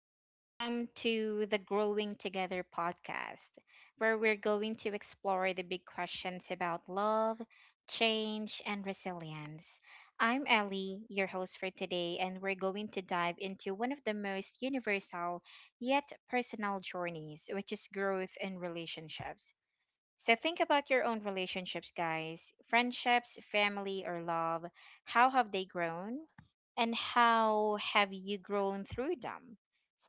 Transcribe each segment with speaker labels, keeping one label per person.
Speaker 1: welcome to the Growing Together podcast, where we're going to explore the big questions about love, change, and resilience. I'm Ellie, your host for today, and we're going to dive into one of the most universal yet personal journeys, which is growth in relationships. So think about your own relationships, guys. Friendships, family, or love. How have they grown? And how have you grown through them?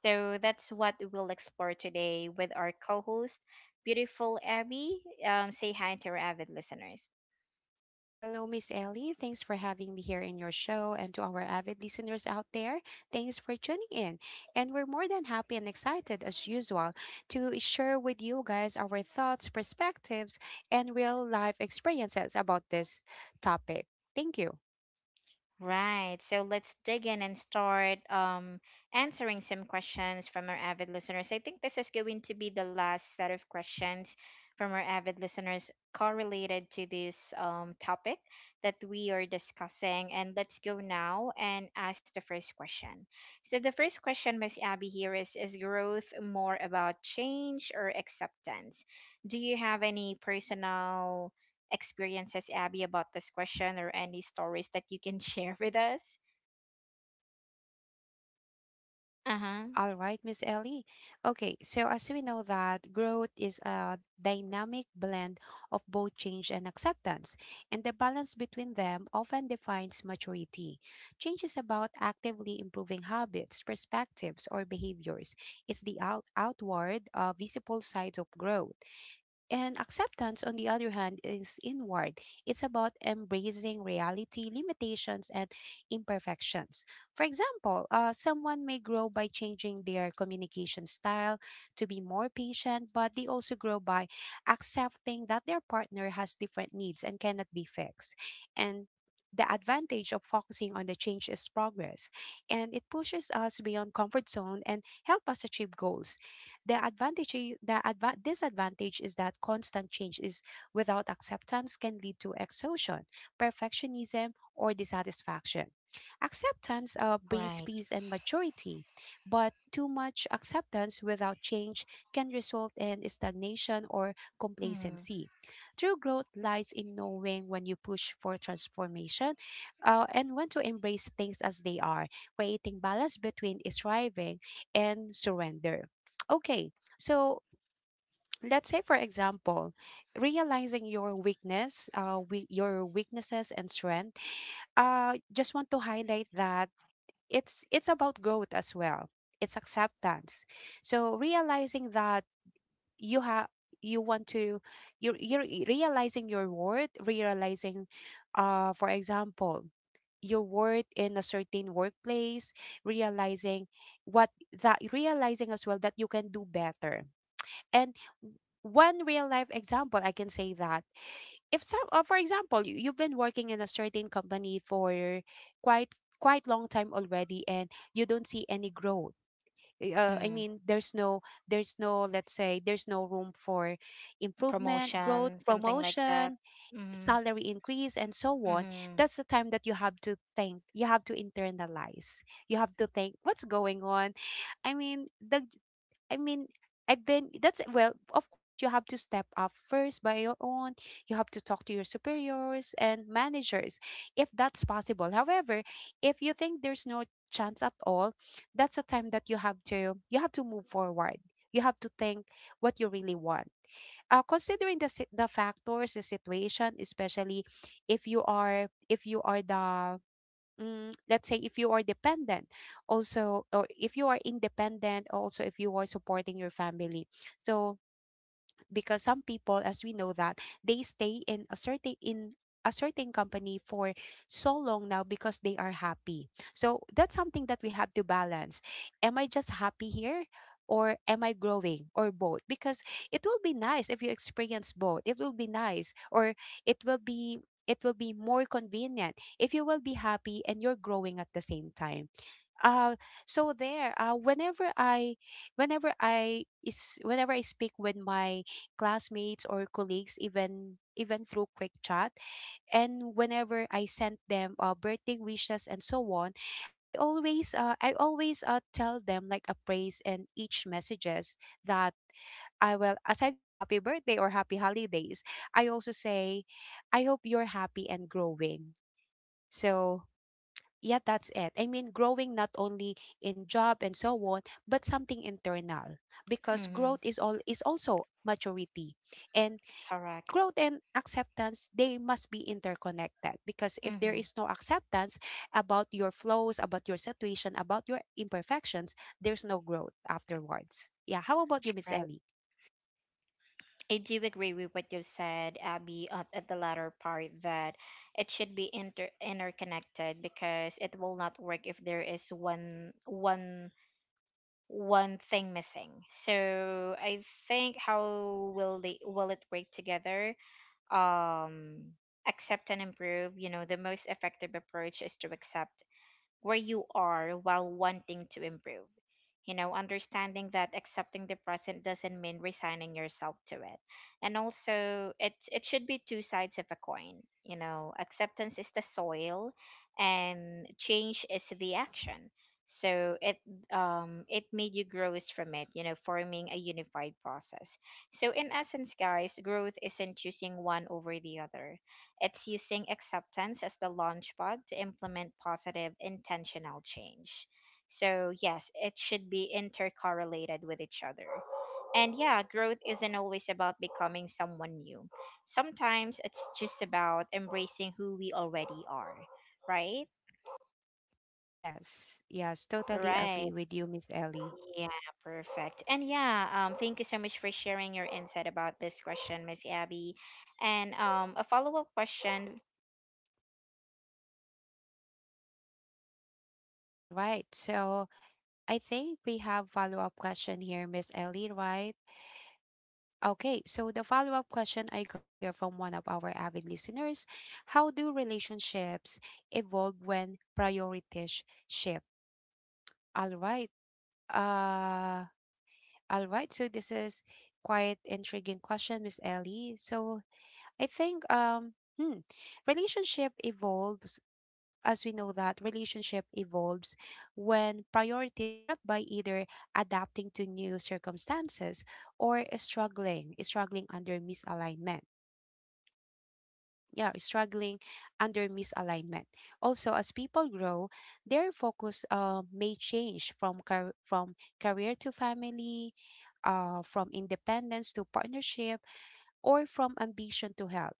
Speaker 1: So that's what we'll explore today with our co host, beautiful Abby. Say hi to our avid listeners.
Speaker 2: Hello, Miss Ellie. Thanks for having me here in your show. And to our avid listeners out there, thanks for tuning in. And we're more than happy and excited, as usual, to share with you guys our thoughts, perspectives, and real life experiences about this topic. Thank you.
Speaker 1: Right. So let's dig in and start answering some questions from our avid listeners. I think this is going to be the last set of questions from our avid listeners correlated to this topic that we are discussing. And let's go now and ask the first question. So the first question, Miss Abby, here is growth more about change or acceptance? Do you have any personal experiences, Abby, about this question or any stories that you can share with us? Uh huh.
Speaker 2: All right, Miss Ellie. Okay, so as we know that growth is a dynamic blend of both change and acceptance, and the balance between them often defines maturity. Change is about actively improving habits, perspectives, or behaviors. It's the outward, visible side of growth. And acceptance, on the other hand, is inward. It's about embracing reality, limitations, and imperfections. For example, someone may grow by changing their communication style to be more patient, but they also grow by accepting that their partner has different needs and cannot be fixed. And the advantage of focusing on the change is progress, and it pushes us beyond comfort zone and help us achieve goals. The advantage, I- the adva- disadvantage is that constant change is without acceptance can lead to exhaustion, perfectionism, or dissatisfaction. Acceptance brings
Speaker 1: Right.
Speaker 2: peace and maturity, but too much acceptance without change can result in stagnation or
Speaker 1: Mm.
Speaker 2: complacency. True growth lies in knowing when you push for transformation and when to embrace things as they are, creating balance between striving and surrender. Okay, so let's say, for example, realizing your weakness, your weaknesses and strength. Just want to highlight that it's about growth as well. It's acceptance. So realizing that you have you want to you're realizing your worth, realizing, for example, your worth in a certain workplace, realizing what that realizing as well that you can do better. And one real life example, I can say that if for example, you've been working in a certain company for quite long time already, and you don't see any growth. I
Speaker 1: Mm.
Speaker 2: mean, there's no, let's say, there's no room for improvement, growth,
Speaker 1: Promotion, something like that.
Speaker 2: promotion,
Speaker 1: Mm-hmm.
Speaker 2: salary increase, and so on.
Speaker 1: Mm-hmm.
Speaker 2: That's the time that you have to think. You have to internalize. You have to think what's going on. I mean, the I mean, I've been that's Well, of course, you have to step up first by your own. You have to talk to your superiors and managers if that's possible. However, if you think there's no chance at all, that's a time that you have to move forward. You have to think what you really want. Considering the factors, the situation, especially if you are the let's say, if you are dependent also, or if you are independent also, if you are supporting your family. So because some people, as we know, that they stay in a certain company for so long now because they are happy. So that's something that we have to balance. Am I just happy here or am I growing or both? Because it will be nice if you experience both. It will be nice, or it will be it will be more convenient if you will be happy and you're growing at the same time. uh so there, whenever I speak with my classmates or colleagues, even through quick chat, and whenever I send them birthday wishes and so on, I always tell them like a praise in each messages, that I will, aside from happy birthday or happy holidays, I also say I hope you're happy and growing. So yeah, that's it. I mean, growing not only in job and so on, but something internal, because
Speaker 1: Mm-hmm.
Speaker 2: growth is also maturity. And
Speaker 1: Correct.
Speaker 2: growth and acceptance, they must be interconnected, because if there
Speaker 1: Mm-hmm.
Speaker 2: is no acceptance about your flows, about your situation, about your imperfections, there's no growth afterwards. Yeah, how about you, Miss
Speaker 1: Right.
Speaker 2: Ellie?
Speaker 1: I do agree with what you said, Abby, at the latter part that it should be interconnected because it will not work if there is one one thing missing. So I think how will they will it work together? um Accept and improve, you know, the most effective approach is to accept where you are while wanting to improve. You know, understanding that accepting the present doesn't mean resigning yourself to it. And also it should be two sides of a coin. You know, acceptance is the soil and change is the action. So it made you grows from it, you know, forming a unified process. So in essence, guys, growth isn't choosing one over the other, it's using acceptance as the launchpad to implement positive intentional change. So, yes, it should be intercorrelated with each other. And yeah, growth isn't always about becoming someone new. Sometimes it's just about embracing who we already are, right?
Speaker 2: Yes, yes, totally agree
Speaker 1: Right.
Speaker 2: with you, Miss Ellie.
Speaker 1: Yeah, perfect. And yeah, thank you so much for sharing your insight about this question, Miss Abby. And a follow up question.
Speaker 2: All right. So, I think we have follow-up question here, Miss Ellie, right? Okay, so the follow up question I got here from one of our avid listeners: How do relationships evolve when priorities shift? All right. Uh, So this is quite intriguing question, Miss Ellie. So I think, hmm, relationship evolves as we know that relationship evolves when priorities shift by either adapting to new circumstances or struggling under misalignment. yeah struggling under misalignment Also, as people grow, their focus may change from career to family, from independence to partnership, or from ambition to health.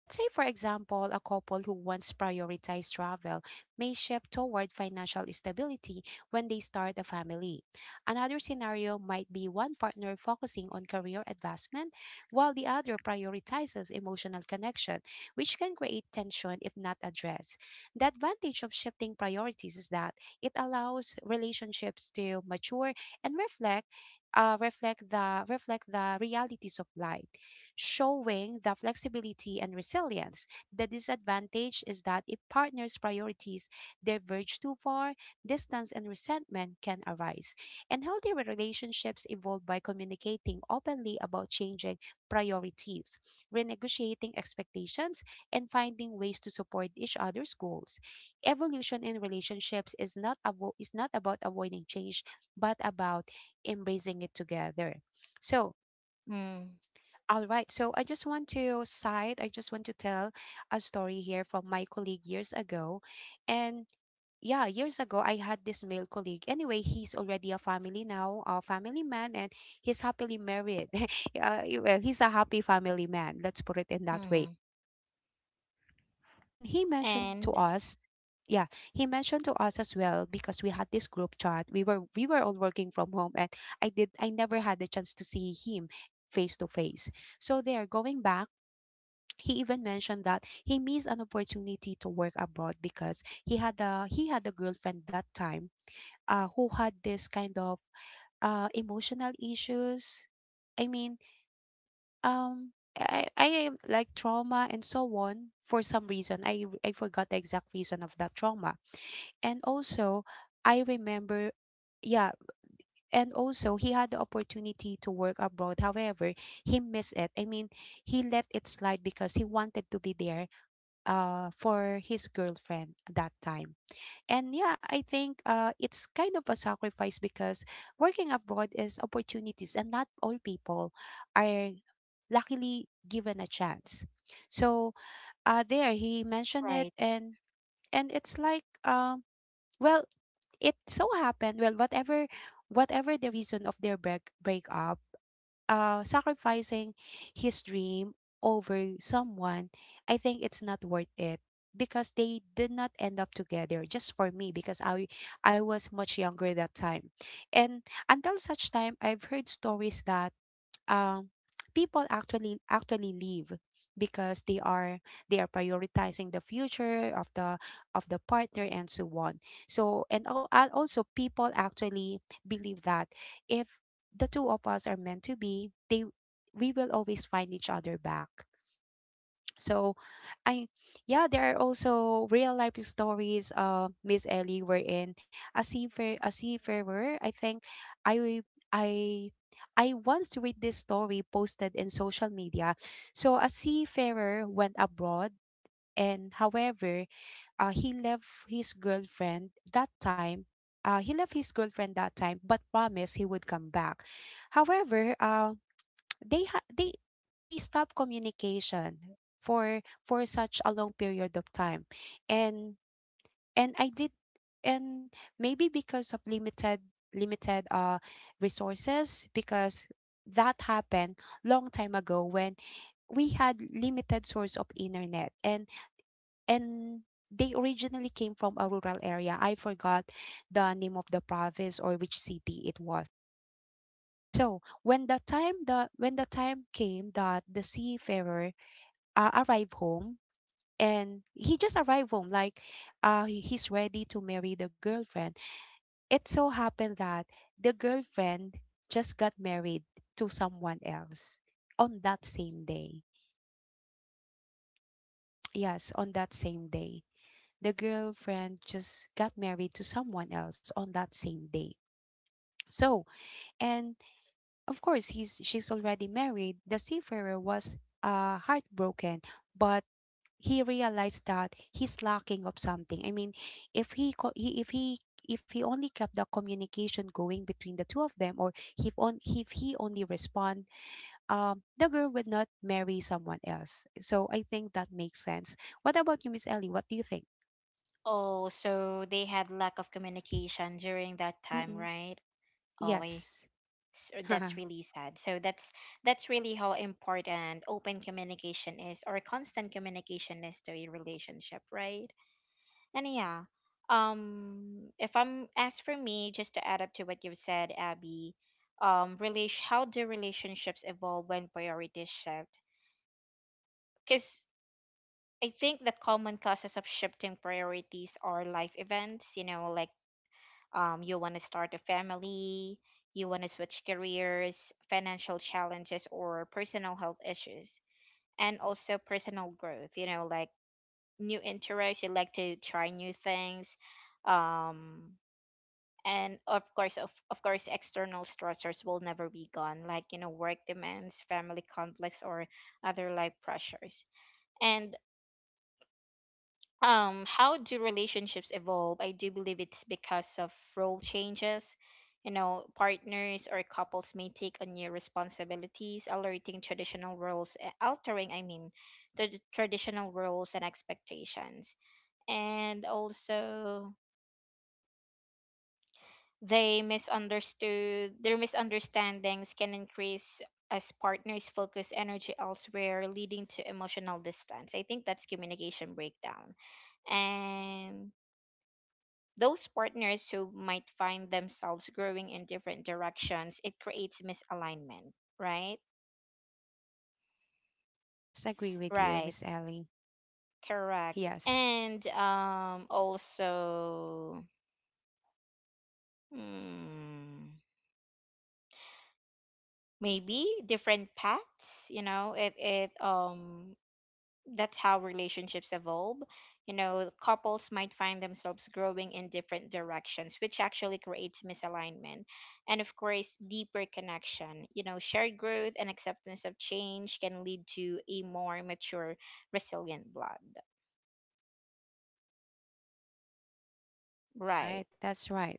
Speaker 2: Let's say, for example, a couple who once prioritized travel may shift toward financial stability when they start a family. Another scenario might be one partner focusing on career advancement while the other prioritizes emotional connection, which can create tension if not addressed. The advantage of shifting priorities is that it allows relationships to mature and reflect the realities of life, showing the flexibility and resilience. The disadvantage is that if partners' priorities diverge too far, distance and resentment can arise. And healthy relationships evolve by communicating openly about changing priorities, renegotiating expectations, and finding ways to support each other's goals. Evolution in relationships is not is not about avoiding change, but about embracing it together. So,
Speaker 1: Mm.
Speaker 2: all right. I just want to tell a story here from my colleague years ago. And yeah, years ago, I had this male colleague. Anyway, he's already a family now, a family man, and he's happily married. Well, he's a happy family man. Let's put it in that way.
Speaker 1: Hmm.
Speaker 2: And he mentioned to
Speaker 1: And
Speaker 2: us, yeah, he mentioned to us as well, because we had this group chat. We were all working from home, and I never had the chance to see him face to face. So there, going back, he even mentioned that he missed an opportunity to work abroad because he had a girlfriend that time, who had this kind of emotional issues. I mean, um I am like trauma and so on. For some reason, I forgot the exact reason of that trauma. And also, I remember, yeah, and also he had the opportunity to work abroad. However, he missed it. I mean, he let it slide because he wanted to be there, for his girlfriend that time. And yeah, I think it's kind of a sacrifice, because working abroad is opportunities, and not all people are luckily given a chance. So there he mentioned it,
Speaker 1: right.
Speaker 2: and it's like, well, it so happened. Well, whatever the reason of their breakup, sacrificing his dream over someone, I think it's not worth it, because they did not end up together. Just for me, because I was much younger that time. And until such time I've heard stories that um people actually leave because they are, they are prioritizing the future of the, of the partner and so on. So, and also, people actually believe that if the two of us are meant to be, they we will always find each other back. So I yeah, there are also real life stories, Miss Ellie, wherein a seafarer, a seafarer I think I i I once read this story posted in social media. So a seafarer went abroad, and however, uh, he left his girlfriend that time he left his girlfriend that time, but promised he would come back. However, they ha- they stop communication for such a long period of time. And and I did and Maybe because of limited, limited uh resources, because that happened long time ago when we had limited source of internet, and and they originally came from a rural area. I forgot the name of the province or which city it was. So when the time the when the time came that the seafarer arrived home, and he just arrived home, like, he's ready to marry the girlfriend. It so happened that the girlfriend just got married to someone else on that same day. Yes, on that same day. The girlfriend just got married to someone else on that same day. So, and, of course, he's she's already married. The seafarer was heartbroken, but he realized that he's lacking of something. I mean, if he, if he only kept the communication going between the two of them, or if, on if he only respond, the girl would not marry someone else. So I think that makes sense. What about you, Miss Ellie? What do you think?
Speaker 1: Oh, so they had lack of communication during that time,
Speaker 2: Mm-mm.
Speaker 1: right? Oh, I,
Speaker 2: Yes.
Speaker 1: so that's really sad. So that's really how important open communication is or constant communication is to a relationship, right? And yeah, if I'm as for me, just to add up to what you've said, Abby, how do relationships evolve when priorities shift? Because I think the common causes of shifting priorities are life events, you know, like you want to start a family, you want to switch careers, financial challenges, or personal health issues, and also personal growth, you know, like new interests, you like to try new things. Um, and of course, of course, external stressors will never be gone, like, you know, work demands, family conflicts, or other life pressures. And how do relationships evolve? I do believe it's because of role changes. You know, partners or couples may take on new responsibilities alerting traditional roles, altering, I mean, traditional roles and expectations. And also they misunderstood their misunderstandings can increase as partners focus energy elsewhere, leading to emotional distance. I think that's communication breakdown. And those partners who might find themselves growing in different directions, it creates misalignment, right?
Speaker 2: Yes, agree with you,
Speaker 1: Right,
Speaker 2: Miss Ellie.
Speaker 1: correct.
Speaker 2: Yes.
Speaker 1: And also, hmm, maybe different paths, you know, it that's how relationships evolve. You know, couples might find themselves growing in different directions, which actually creates misalignment. And of course, deeper connection. You know, shared growth and acceptance of change can lead to a more mature, resilient blood.
Speaker 2: All
Speaker 1: Right.
Speaker 2: right. That's right.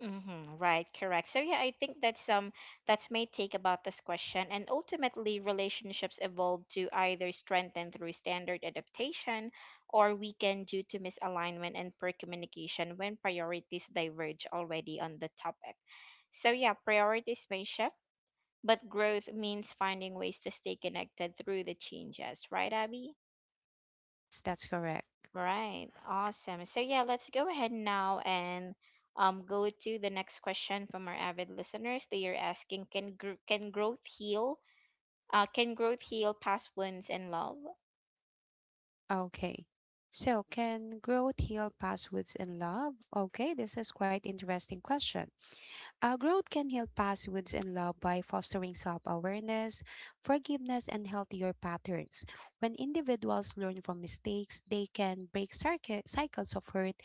Speaker 1: Mm-hmm, right, correct. So yeah, I think that's my take about this question. And ultimately, relationships evolve to either strengthen through standard adaptation or weaken due to misalignment and poor communication when priorities diverge already on the topic. So yeah, priorities may shift, but growth means finding ways to stay connected through the changes, right, Abby?
Speaker 2: Yes, that's correct.
Speaker 1: Right. Awesome. So yeah, let's go ahead now and go to the next question from our avid listeners. They are asking, can growth heal? Can growth heal past wounds and love?
Speaker 2: Okay. So, can growth heal past wounds in love? Okay, this is quite interesting question. Growth can heal past wounds and love by fostering self awareness, forgiveness, and healthier patterns. When individuals learn from mistakes, they can break cycles of hurt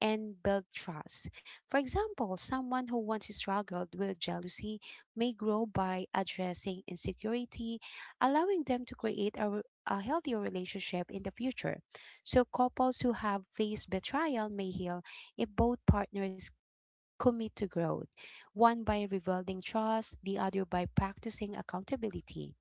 Speaker 2: and build trust. For example, someone who once struggled with jealousy may grow by addressing insecurity, allowing them to create a healthier relationship in the future. So, couples who have faced betrayal may heal if both partners commit to growth, one by rebuilding trust, the other by practicing accountability.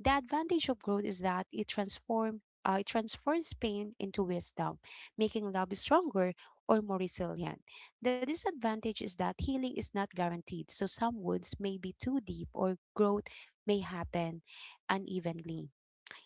Speaker 2: The advantage of growth is that it transforms pain into wisdom, making love stronger or more resilient. The disadvantage is that healing is not guaranteed, so some wounds may be too deep or growth may happen unevenly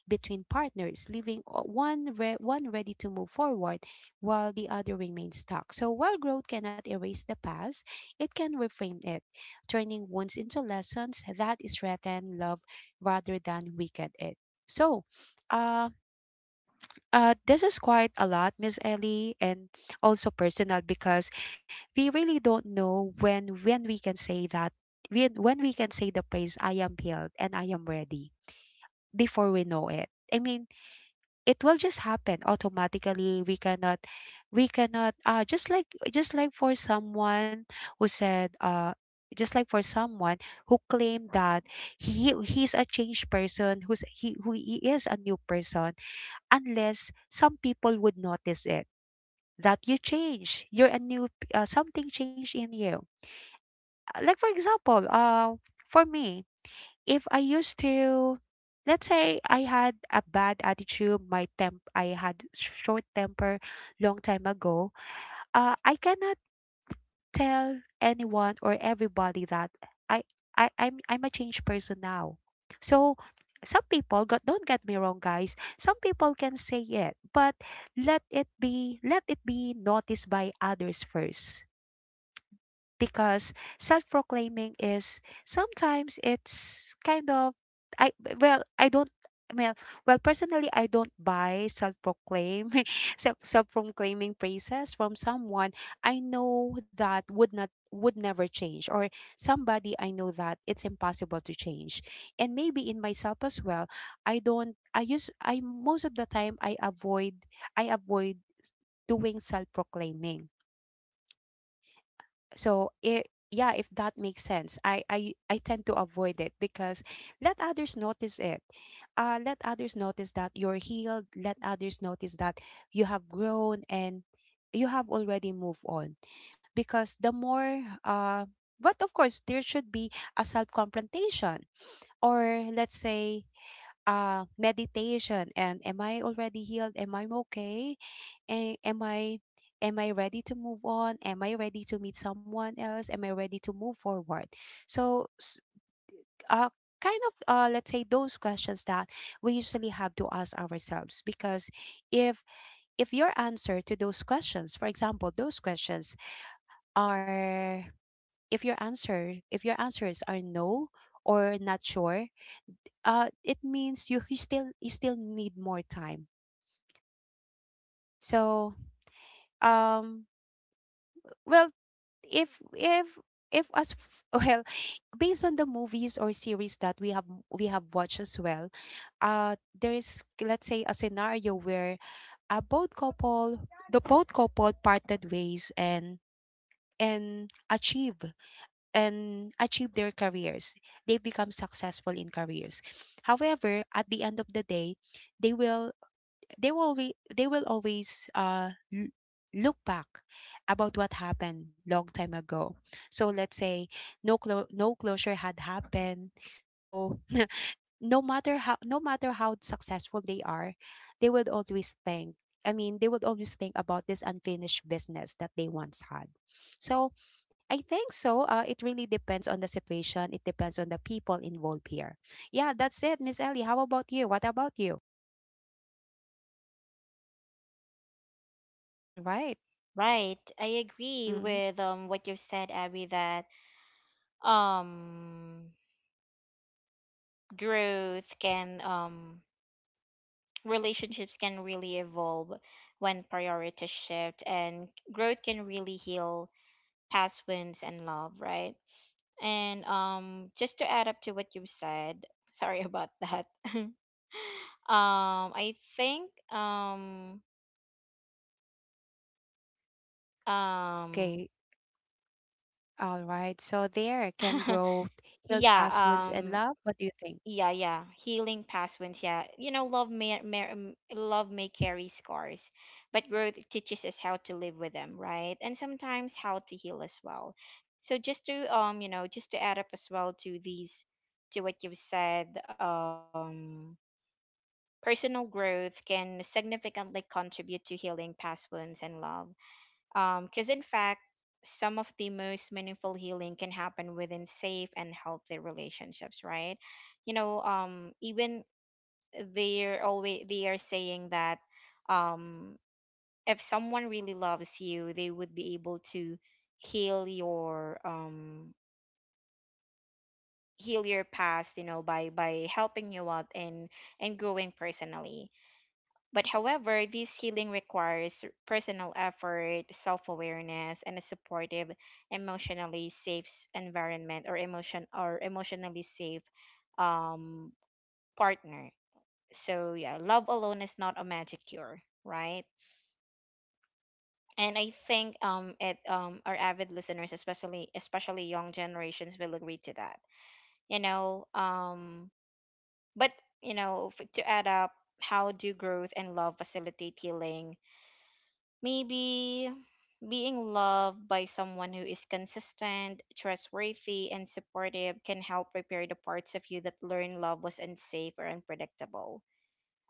Speaker 2: between partners, leaving one ready to move forward while the other remains stuck. So while growth cannot erase the past, it can reframe it, turning wounds into lessons that strengthen love rather than weaken it. So, uh, this is quite a lot, Miss Ellie, and also personal because we really don't know when we can say that when we can say the praise I am healed and I am ready before we know it. I mean, it will just happen automatically, we cannot just like for someone who said uh just like for someone who claimed that he's a changed person who he is a new person, unless some people would notice it, that you change, you're a something changed in you. Like for example, for me, if I used to, let's say, I had a bad attitude, I had short temper long time ago. I cannot tell anyone or everybody that I, I'm a changed person now. So some people got don't get me wrong guys, some people can say it, but let it be noticed by others first, because self-proclaiming is sometimes it's kind of, I well I don't well well personally I don't buy self-proclaim self-proclaiming praises from someone I know that would never change, or somebody I know that it's impossible to change, and maybe in myself as well. I don't I use I Most of the time I avoid doing self-proclaiming. So it Yeah, if that makes sense, I tend to avoid it because let others notice it. Let others notice that you're healed, let others notice that you have grown and you have already moved on. Because the more But of course, there should be a self confrontation, or let's say, meditation. And am I already healed, am I okay, am I, am I ready to move on? Am I ready to meet someone else? Am I ready to move forward? So s- uh Kind of, let's say, those questions that we usually have to ask ourselves, because if your answer to those questions, for example, those questions are, if your answers are no or not sure, it means you still need more time. so um Well, if if if as f- well, based on the movies or series that we have watched as well, there is, let's say, a scenario where a both couple the both couple parted ways and and achieve and achieve their careers, they become successful in careers. However, at the end of the day, they will they will always, look back about what happened long time ago. So let's say, no closure had happened. So no matter how successful they are, they would always think. I mean, they would always think about this unfinished business that they once had. So I think so. It really depends on the situation. It depends on the people involved here. Yeah, that's it, Miss Ellie. How about you? What about you? All right.
Speaker 1: Right. I agree
Speaker 2: Hmm.
Speaker 1: with what you've said, Abby, that um growth can relationships can really evolve when priorities shift and growth can really heal past wounds and love, right? And just to add up to what you've said, sorry about that. um, I think um,
Speaker 2: Okay, all right. So there, can growth heal
Speaker 1: yeah,
Speaker 2: past wounds and love? What do you think?
Speaker 1: yeah, yeah, healing past wounds. Yeah, you know, love may carry scars, but growth teaches us how to live with them, right? And sometimes how to heal as well. So just to you know, just to add up as well to these, to what you've said. Personal growth can significantly contribute to healing past wounds and love. Because, in fact, some of the most meaningful healing can happen within safe and healthy relationships, right? You know, even they are saying that um, if someone really loves you, they would be able to heal your um heal your past, you know, by helping you out and growing personally. But however, this healing requires personal effort, self awareness, and a supportive, emotionally safe environment, or emotion or emotionally safe um, partner. So yeah, love alone is not a magic cure, right? And I think it our avid listeners, especially young generations, will agree to that. You know, but you know, to add up, how do growth and love facilitate healing? Maybe being loved by someone who is consistent, trustworthy, and supportive can help repair the parts of you that learn love was unsafe or unpredictable.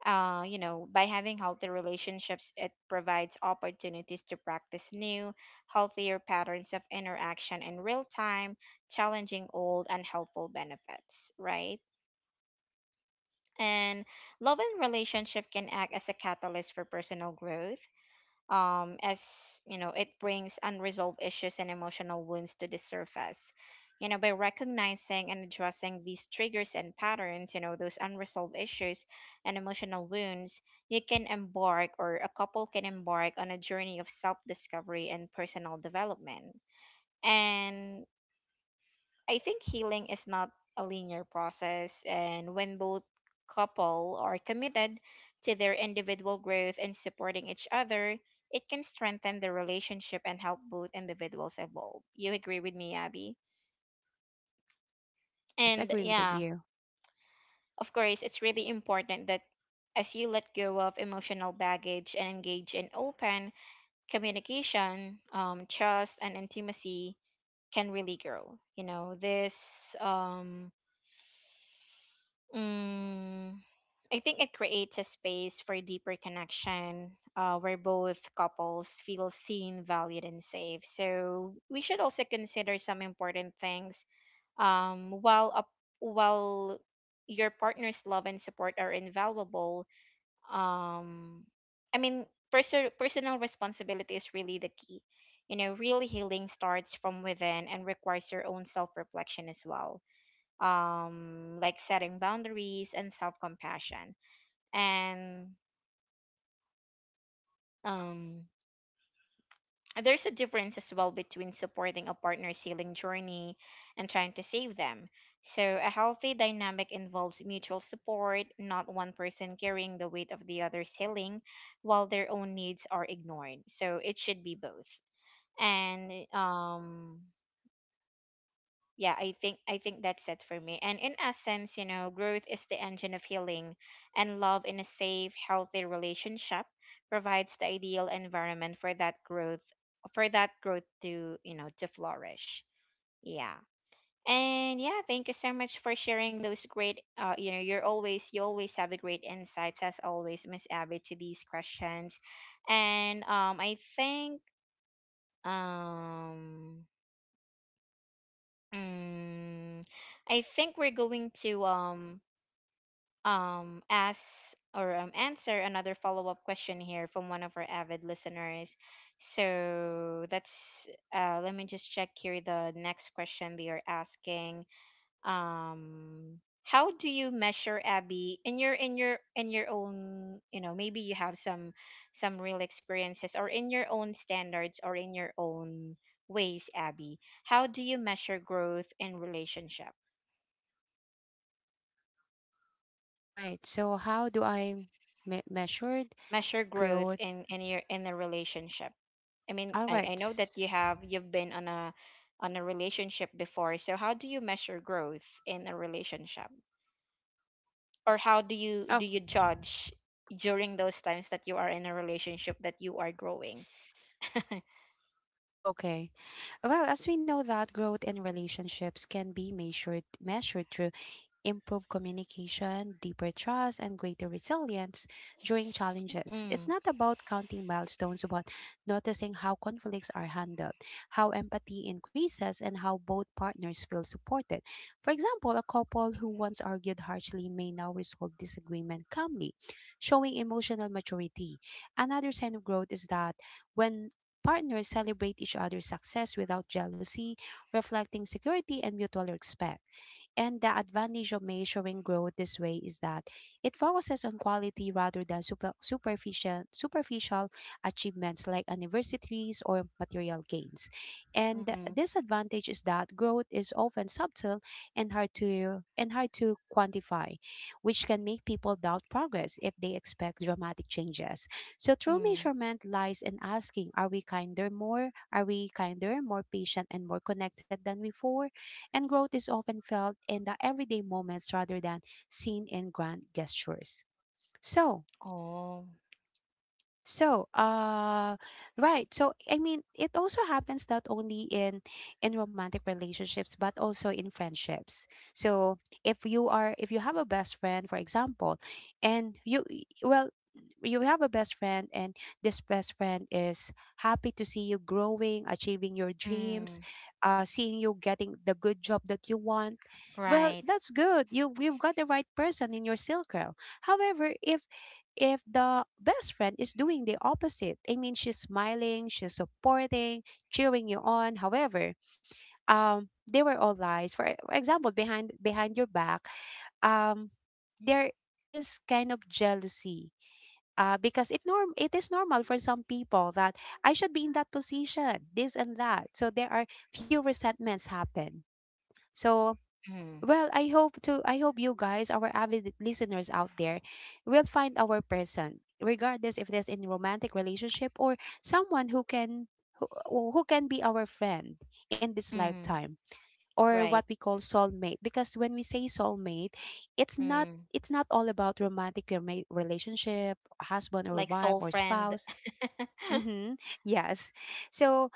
Speaker 1: You know, by having healthy relationships, it provides opportunities to practice new, healthier patterns of interaction in real time, challenging old unhelpful benefits, right? And love and relationship can act as a catalyst for personal growth, as you know it brings unresolved issues and emotional wounds to the surface. You know, by recognizing and addressing these triggers and patterns, you know, those unresolved issues and emotional wounds, you can embark or a couple can embark on a journey of self-discovery and personal development. And I think healing is not a linear process, and when both couple are committed to their individual growth and supporting each other, it can strengthen the relationship and help both individuals evolve. You agree with me, Abby?
Speaker 2: Yes,
Speaker 1: And
Speaker 2: agree with
Speaker 1: yeah,
Speaker 2: you.
Speaker 1: of course, it's really important that as you let go of emotional baggage and engage in open communication, trust and intimacy can really grow. You know, um, mm, I think it creates a space for deeper connection, where both couples feel seen, valued, and safe. So we should also consider some important things, um, while up while your partner's love and support are invaluable. Um, I mean, personal responsibility is really the key. You know, real healing starts from within and requires your own self reflection as well, like setting boundaries and self compassion. And um there's a difference as well between supporting a partner's healing journey and trying to save them. So, a healthy dynamic involves mutual support, not one person carrying the weight of the other's healing while their own needs are ignored. So, it should be both. And yeah, I think that's it for me. And in essence, you know, growth is the engine of healing, and love in a safe, healthy relationship provides the ideal environment for that growth, for that growth to, you know, to flourish. Yeah. And yeah, thank you so much for sharing those great, you know, you always have a great insights as always, Miss Abby, to these questions. And I think um mm, I think we're going to ask or answer another follow-up question here from one of our avid listeners. So that's let me just check here the next question they are asking. How do you measure, Abby, in your own, you know, maybe you have some real experiences or in your own standards or in your own ways, Abby, how do you measure growth in relationship,
Speaker 2: All right. So how do I measure
Speaker 1: measure growth
Speaker 2: growth?
Speaker 1: in the relationship? I mean,
Speaker 2: All
Speaker 1: I
Speaker 2: right.
Speaker 1: know that
Speaker 2: s-
Speaker 1: you have you've been on a relationship before, so how do you measure growth in a relationship, or how do you,
Speaker 2: Oh,
Speaker 1: do you judge during those times that you are in a relationship that you are growing?
Speaker 2: okay. Well, as we know that growth in relationships can be measured through improve communication, deeper trust, and greater resilience during
Speaker 1: Mm,
Speaker 2: challenges. It's not about counting milestones, but noticing how conflicts are handled, how empathy increases, and how both partners feel supported. For example, a couple who once argued harshly may now resolve disagreement calmly, showing emotional maturity. Another sign of growth is that when partners celebrate each other's success without jealousy, reflecting security and mutual respect. And the advantage of measuring growth this way is that it focuses on quality rather than superficial achievements like anniversaries or material gains. And the
Speaker 1: mm-hmm,
Speaker 2: disadvantage is that growth is often subtle and hard to quantify, which can make people doubt progress if they expect dramatic changes. So true
Speaker 1: mm,
Speaker 2: measurement lies in asking, Are we kinder, more patient and more connected than before? And growth is often felt in the everyday moments rather than seen in grand gestures. So,
Speaker 1: oh,
Speaker 2: so, uh, right. So, I mean, it also happens not only in romantic relationships but also in friendships. So, if you are, if you have a best friend, for example, and you have a best friend and this best friend is happy to see you growing, achieving your dreams,
Speaker 1: mm,
Speaker 2: uh, seeing you getting the good job that you want. Well,
Speaker 1: right,
Speaker 2: that's good. You've got the right person in your circle. However, if the best friend is doing the opposite, I mean she's smiling, she's supporting, cheering you on, however, um, they were all lies for example, behind your back, um, there is kind of jealousy, because it is normal for some people that I should be in that position, this and that. So there are few resentments happen. So,
Speaker 1: mm,
Speaker 2: I hope you guys, our avid listeners out there, will find our person, regardless if there's in romantic relationship or someone who who can be our friend in this
Speaker 1: mm,
Speaker 2: lifetime, or what
Speaker 1: right,
Speaker 2: we call soulmate. Because when we say soulmate,
Speaker 1: mm,
Speaker 2: it's not all about romantic relationship, husband or
Speaker 1: like
Speaker 2: wife
Speaker 1: soul
Speaker 2: or
Speaker 1: friend.
Speaker 2: spouse. Mm-hmm. Yes. So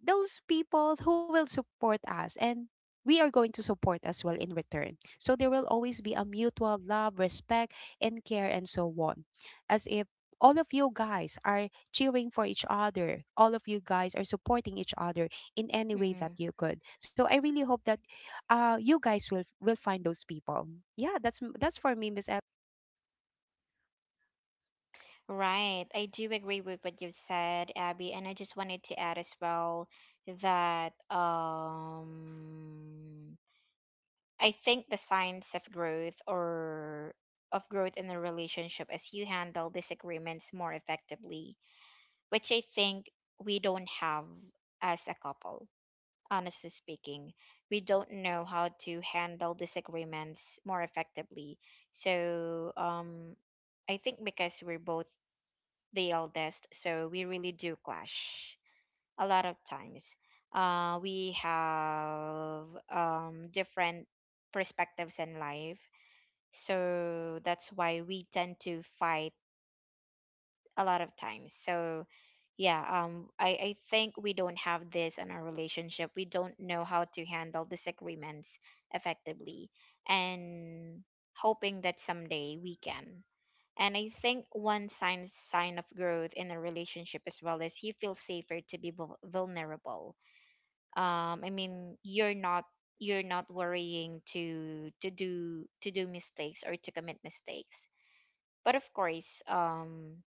Speaker 2: those people who will support us, and we are going to support as well in return. So there will always be a mutual love, respect, and care, and so on. As if all of you guys are cheering for each other, all of you guys are supporting each other in any way that
Speaker 1: Mm,
Speaker 2: you could. So I really hope that you guys will find those people. Yeah, that's for me, Miss. L.
Speaker 1: right. I do agree with what you've said, Abby, and I just wanted to add as well that I think the signs of growth or of growth in a relationship is you handle disagreements more effectively, which I think we don't have as a couple. Honestly speaking, we don't know how to handle disagreements more effectively. So, I think because we're both the eldest, so we really do clash a lot of times. We have different perspectives in life, so that's why we tend to fight a lot of times. So yeah, I think we don't have this in our relationship. We don't know how to handle disagreements effectively and hoping that someday we can. And I think one sign of growth in a relationship as well is you feel safer to be vulnerable. I mean, you're not, you're not worrying to do mistakes or to commit mistakes. But of course,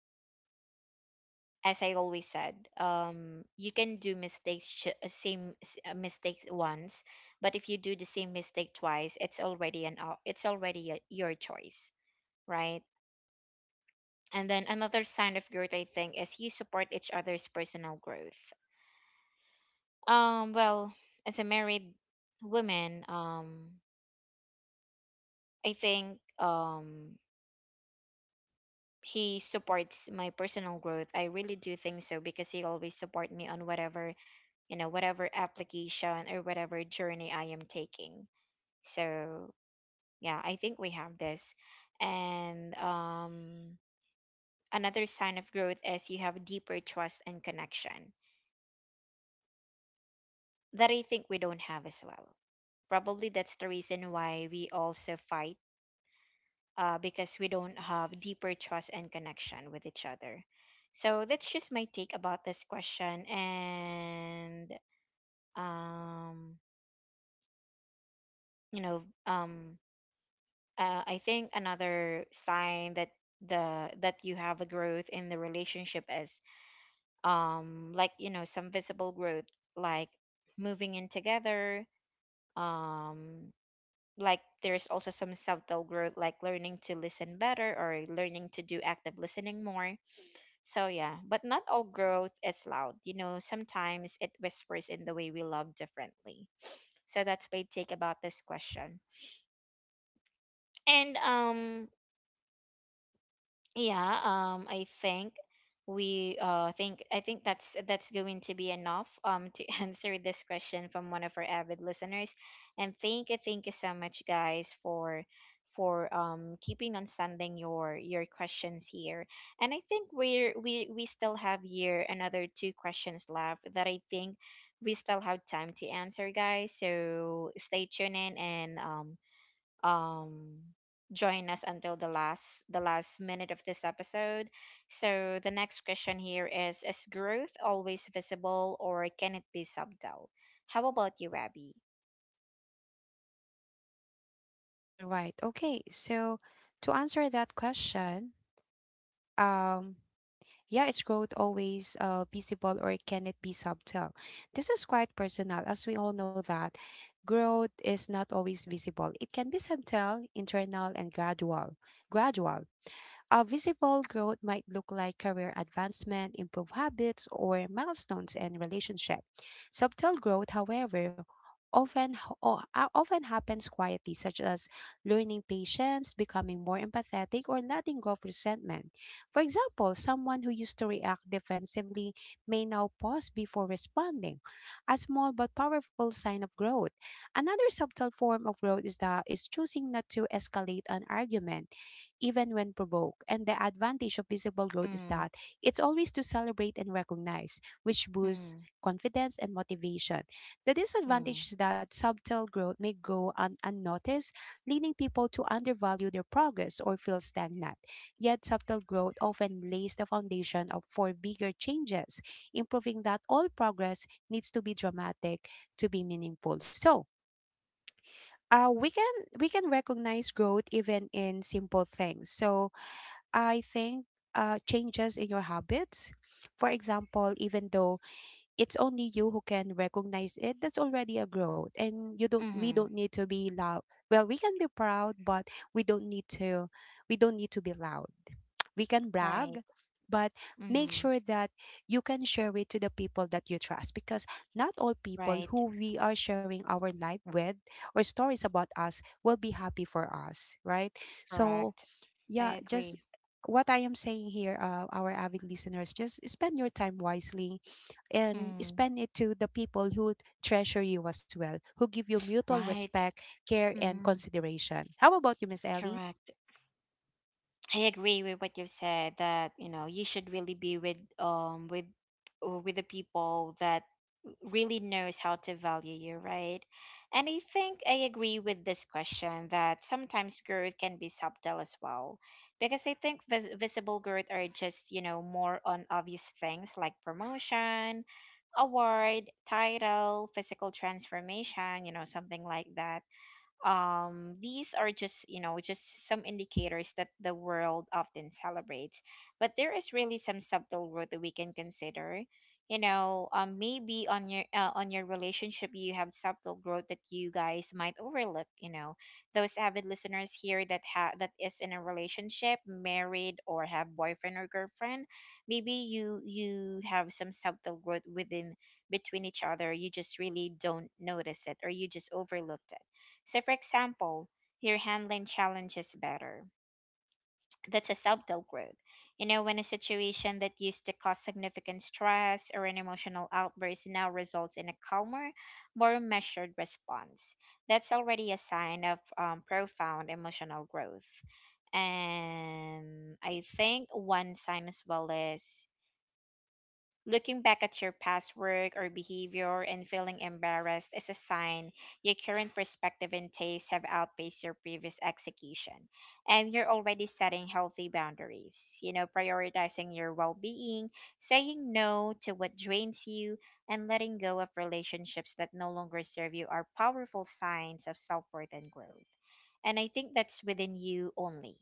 Speaker 1: as I always said, you can do mistakes same mistake once, but if you do the same mistake twice, it's already an it's already a, your choice, right? And then another sign of growth, I think, is you support each other's personal growth. Well, as a married woman, I think he supports my personal growth. I really do think so because he always support me on whatever, whatever application or whatever journey I am taking. So, yeah, I think we have this. And another sign of growth is you have deeper trust and connection that I think we don't have as well. Probably that's the reason why we also fight, because we don't have deeper trust and connection with each other. So that's just my take about this question. And, um, you know, um, I think another sign that the that you have a growth in the relationship is like, some visible growth like moving in together. um like, there's also some subtle growth like learning to listen better or learning to do active listening more. So yeah, but not all growth is loud, you know. Sometimes it whispers in the way we love differently. So that's my take about this question. And Yeah, I think we think I think that's going to be enough to answer this question from one of our avid listeners. And thank you so much guys for keeping on sending your questions here. And I think we still have here another two questions left that I think we still have time to answer, guys. So stay tuned in. And um join us until the last minute of this episode. So the next question here is growth always visible or can it be subtle? How about you, Abby?
Speaker 2: All right. Okay. So to answer that question, um, yeah, is growth always, visible or can it be subtle? This is quite personal, as we all know that growth is not always visible. It can be subtle, internal, and gradual. Gradual. A visible growth might look like career advancement, improved habits, or milestones in relationship. Subtle growth, however, often happens quietly, such as learning patience, becoming more empathetic, or letting go of resentment. For example, someone who used to react defensively may now pause before responding, a small but powerful sign of growth. Another subtle form of growth is that is choosing not to escalate an argument even when provoked. And the advantage of visible growth is
Speaker 1: Mm,
Speaker 2: that it's always to celebrate and recognize, which boosts
Speaker 1: mm,
Speaker 2: confidence and motivation. The
Speaker 1: mm,
Speaker 2: disadvantage is that subtle growth may go unnoticed, leading people to undervalue their progress or feel stagnant. Yet, subtle growth often lays the foundation for bigger changes, improving that all progress needs to be dramatic to be meaningful. So, uh, we can we can recognize growth even in simple things. So I think, changes in your habits. For example, even though it's only you who can recognize it, that's already a growth, and you don't. We
Speaker 1: mm-hmm,
Speaker 2: don't need to be loud. Well, we can be proud, but we don't need to. We don't need to be loud. We can
Speaker 1: right.
Speaker 2: brag, but make
Speaker 1: Mm,
Speaker 2: sure that you can share it to the people that you trust, because not all people
Speaker 1: right.
Speaker 2: who we are sharing our life with or stories about us will be happy for us, right? So
Speaker 1: Correct. I
Speaker 2: yeah, just
Speaker 1: agree.
Speaker 2: what I am saying here, our avid listeners, just spend your time wisely and
Speaker 1: Mm,
Speaker 2: spend it to the people who treasure you as well, who give you mutual
Speaker 1: right.
Speaker 2: respect, care, and
Speaker 1: Mm,
Speaker 2: consideration. How about you, Miss Ellie?
Speaker 1: correct. I agree with what you've said that, you know, you should really be with with, with the people that really knows how to value you, right? And I think I agree with this question that sometimes growth can be subtle as well, because I think visible growth are just, you know, more on obvious things like promotion, award, title, physical transformation, you know, something like that. These are just, you know, just some indicators that the world often celebrates, but there is really some subtle road that we can consider, you know. Maybe on your, on your relationship, you have subtle growth that you guys might overlook, you know. Those avid listeners here that that is in a relationship, married or have boyfriend or girlfriend, maybe you have some subtle growth within, between each other. You just really don't notice it or you just overlooked it. So, for example, you're handling challenges better. That's a subtle growth. You know, when a situation that used to cause significant stress or an emotional outburst now results in a calmer, more measured response, that's already a sign of profound emotional growth. And I think one sign as well is, looking back at your past work or behavior and feeling embarrassed is a sign your current perspective and taste have outpaced your previous execution, and you're already setting healthy boundaries. You know, prioritizing your well being, saying no to what drains you, and letting go of relationships that no longer serve you are powerful signs of self worth and growth. And I think that's within you only,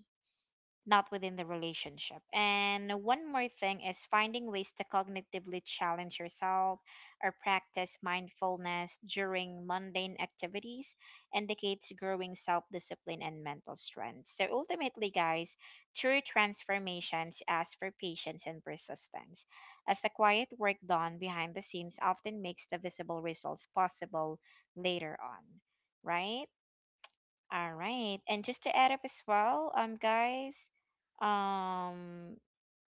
Speaker 1: not within the relationship. And one more thing is finding ways to cognitively challenge yourself or practice mindfulness during mundane activities indicates growing self discipline and mental strength. So ultimately, guys, true transformations ask for patience and persistence, as the quiet work done behind the scenes often makes the visible results possible later on, right? All right. And just to add up as well, guys, um,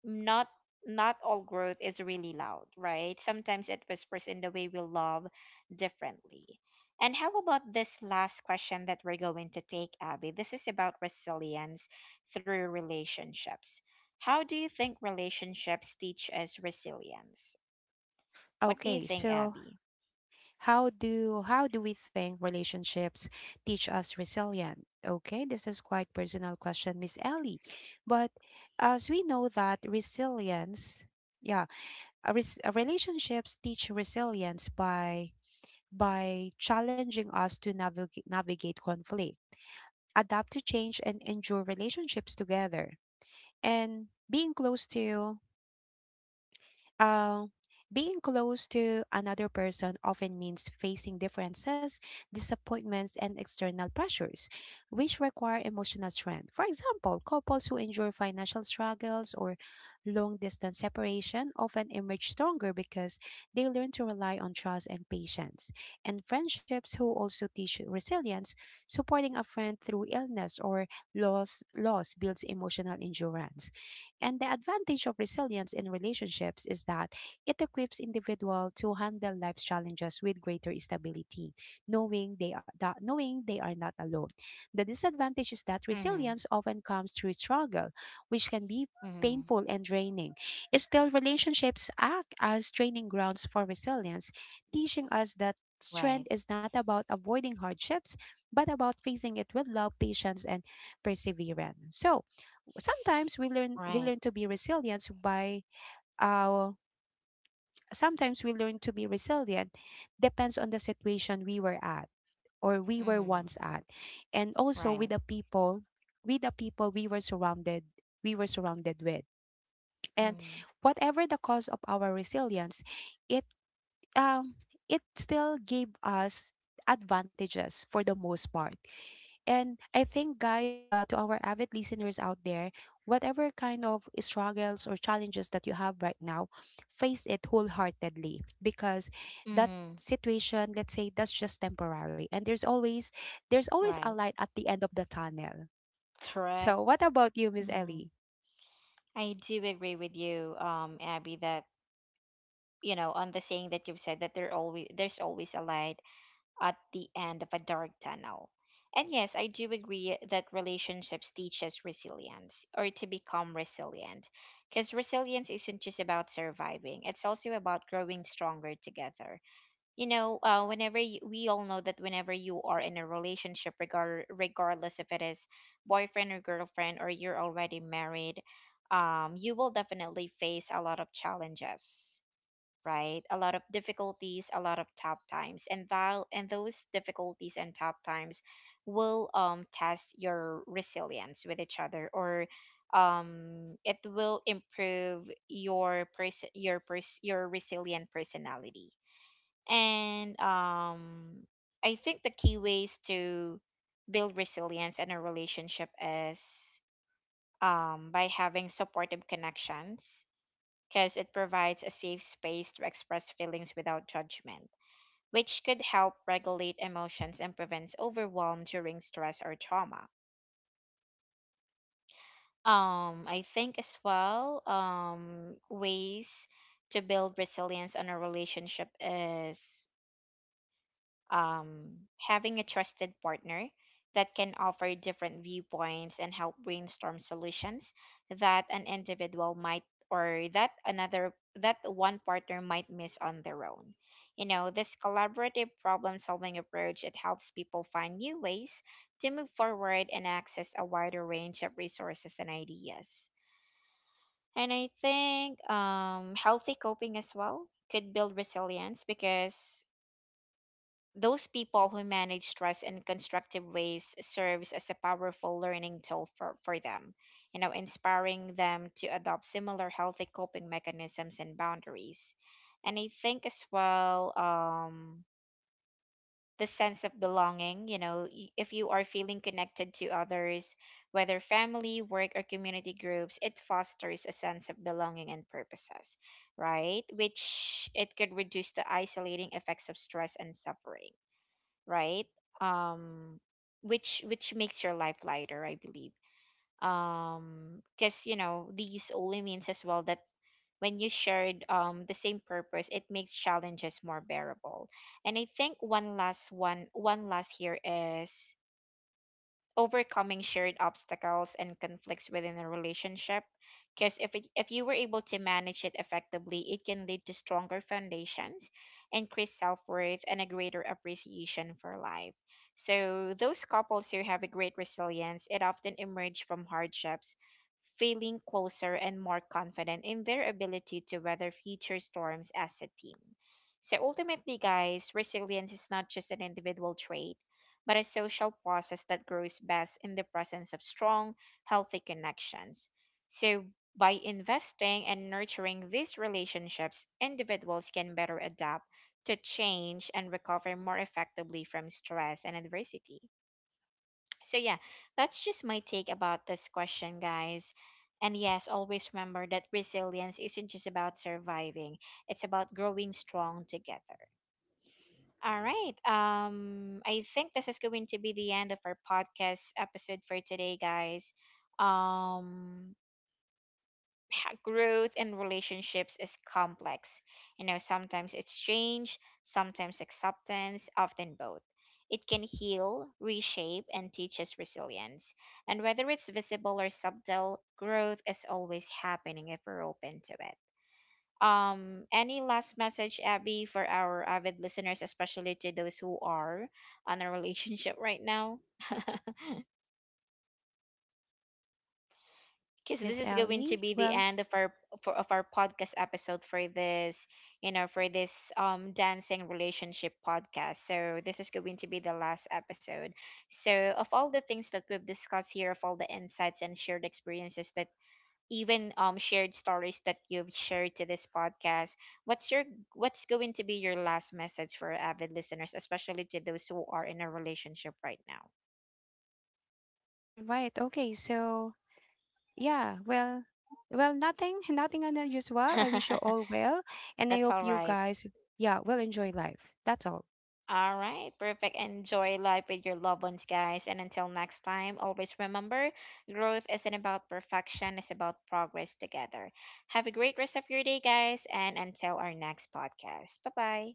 Speaker 1: not not all growth is really loud, right? Sometimes it whispers in the way we love differently. And how about this last question that we're going to take, Abby? This is about resilience through relationships. How do you think relationships teach us resilience? What do you
Speaker 2: Okay,
Speaker 1: think,
Speaker 2: so
Speaker 1: Abby?
Speaker 2: how do we think relationships teach us resilience? Okay, this is quite personal question, Miss Ellie. But as we know that resilience, yeah, a res- a relationships teach resilience by challenging us to navigate conflict, adapt to change, and endure relationships together. And uh, being close to another person often means facing differences, disappointments, and external pressures, which require emotional strength. For example, couples who endure financial struggles or long distance separation often emerge stronger because they learn to rely on trust and patience. And friendships who also teach resilience, supporting a friend through illness or loss builds emotional endurance. And the advantage of resilience in relationships is that it equips individual to handle life's challenges with greater stability, knowing they are not alone. The disadvantage is that
Speaker 1: Mm-hmm.
Speaker 2: resilience often comes through struggle, which can be
Speaker 1: Mm-hmm.
Speaker 2: painful and draining. Still, relationships act as training grounds for resilience, teaching us that strength
Speaker 1: Right.
Speaker 2: is not about avoiding hardships, but about facing it with love, patience, and perseverance. So, sometimes we
Speaker 1: Right.
Speaker 2: learn to be resilient by uh sometimes we learn to be resilient, depends on the situation we were at, or we were
Speaker 1: Mm-hmm.
Speaker 2: once at, and also
Speaker 1: Right.
Speaker 2: with the people with the people we were surrounded we were surrounded with, and
Speaker 1: Mm-hmm.
Speaker 2: whatever the cause of our resilience, it, um, it still gave us advantages for the most part. And I think, guys, to our avid listeners out there, whatever kind of struggles or challenges that you have right now, face it wholeheartedly, because that
Speaker 1: Mm-hmm.
Speaker 2: situation, let's say, that's just temporary, and there's always a
Speaker 1: Right.
Speaker 2: light at the end of the tunnel. So,
Speaker 1: Correct.
Speaker 2: what about you, Miss
Speaker 1: Mm.
Speaker 2: Ellie?
Speaker 1: I do agree with you, Abby, that you know, on the saying that you've said that there's always a light at the end of a dark tunnel. And yes, I do agree that relationships teach us resilience or to become resilient. Because resilience isn't just about surviving, it's also about growing stronger together. You know, whenever you, we all know that whenever you are in a relationship, regardless if it is boyfriend or girlfriend or you're already married, you will definitely face a lot of challenges, right? A lot of difficulties, a lot of tough times, and that and those difficulties and tough times will, test your resilience with each other, or it will improve your person, your your resilient personality. And I think the key ways to build resilience in a relationship is, by having supportive connections, because it provides a safe space to express feelings without judgment, which could help regulate emotions and prevents overwhelm during stress or trauma. I think as well, ways to build resilience in a relationship is, having a trusted partner that can offer different viewpoints and help brainstorm solutions that an individual might, or that one partner might miss on their own. You know, this collaborative problem solving approach, it helps people find new ways to move forward and access a wider range of resources and ideas. And I think healthy coping as well could build resilience, because those people who manage stress in constructive ways serves as a powerful learning tool for them, you know, inspiring them to adopt similar healthy coping mechanisms and boundaries. And I think as well, the sense of belonging, you know, if you are feeling connected to others, whether family, work, or community groups, it fosters a sense of belonging and purposes, right? Which it could reduce the isolating effects of stress and suffering, right? Um, which makes your life lighter, I believe. Because you know these only means as well that when you shared the same purpose, it makes challenges more bearable. And I think one last here is overcoming shared obstacles and conflicts within a relationship, because if you were able to manage it effectively, it can lead to stronger foundations, increased self-worth and a greater appreciation for life. So those couples who have a great resilience, it often emerge from hardships feeling closer and more confident in their ability to weather future storms as a team. So ultimately, guys, resilience is not just an individual trait, but a social process that grows best in the presence of strong, healthy connections. So, by investing and nurturing these relationships, individuals can better adapt to change and recover more effectively from stress and adversity. So, yeah, that's just my take about this question, guys. And yes, always remember that resilience isn't just about surviving, it's about growing strong together. All right. I think this is going to be the end of our podcast episode for today, guys. Um, growth in relationships is complex. You know, sometimes it's change, sometimes acceptance, often both. It can heal, reshape, and teach us resilience. And whether it's visible or subtle, growth is always happening if we're open to it. Any last message, Abby, for our avid listeners, especially to those who are on a relationship right now?
Speaker 2: Right,
Speaker 1: Because this
Speaker 2: Miss
Speaker 1: is going to
Speaker 2: Ellie?
Speaker 1: be the
Speaker 2: Well,
Speaker 1: end of our of our podcast episode for this, you know, for this dancing relationship podcast. So this is going to be the last episode. So of all the things that we've discussed here, of all the insights and shared experiences that, even shared stories that you've shared to this podcast, what's your, what's going to be your last message for avid listeners, especially to those who are in a relationship right now?
Speaker 2: all right, okay. So, yeah, well, nothing nothing unusual, I wish you all well, and I
Speaker 1: That's
Speaker 2: hope
Speaker 1: all
Speaker 2: you
Speaker 1: right.
Speaker 2: guys, yeah, will enjoy life, that's all.
Speaker 1: All right, perfect. Enjoy life with your loved ones, guys. And until next time, always remember, growth isn't about perfection, it's about progress together. Have a great rest of your day, guys, and until our next podcast, bye bye.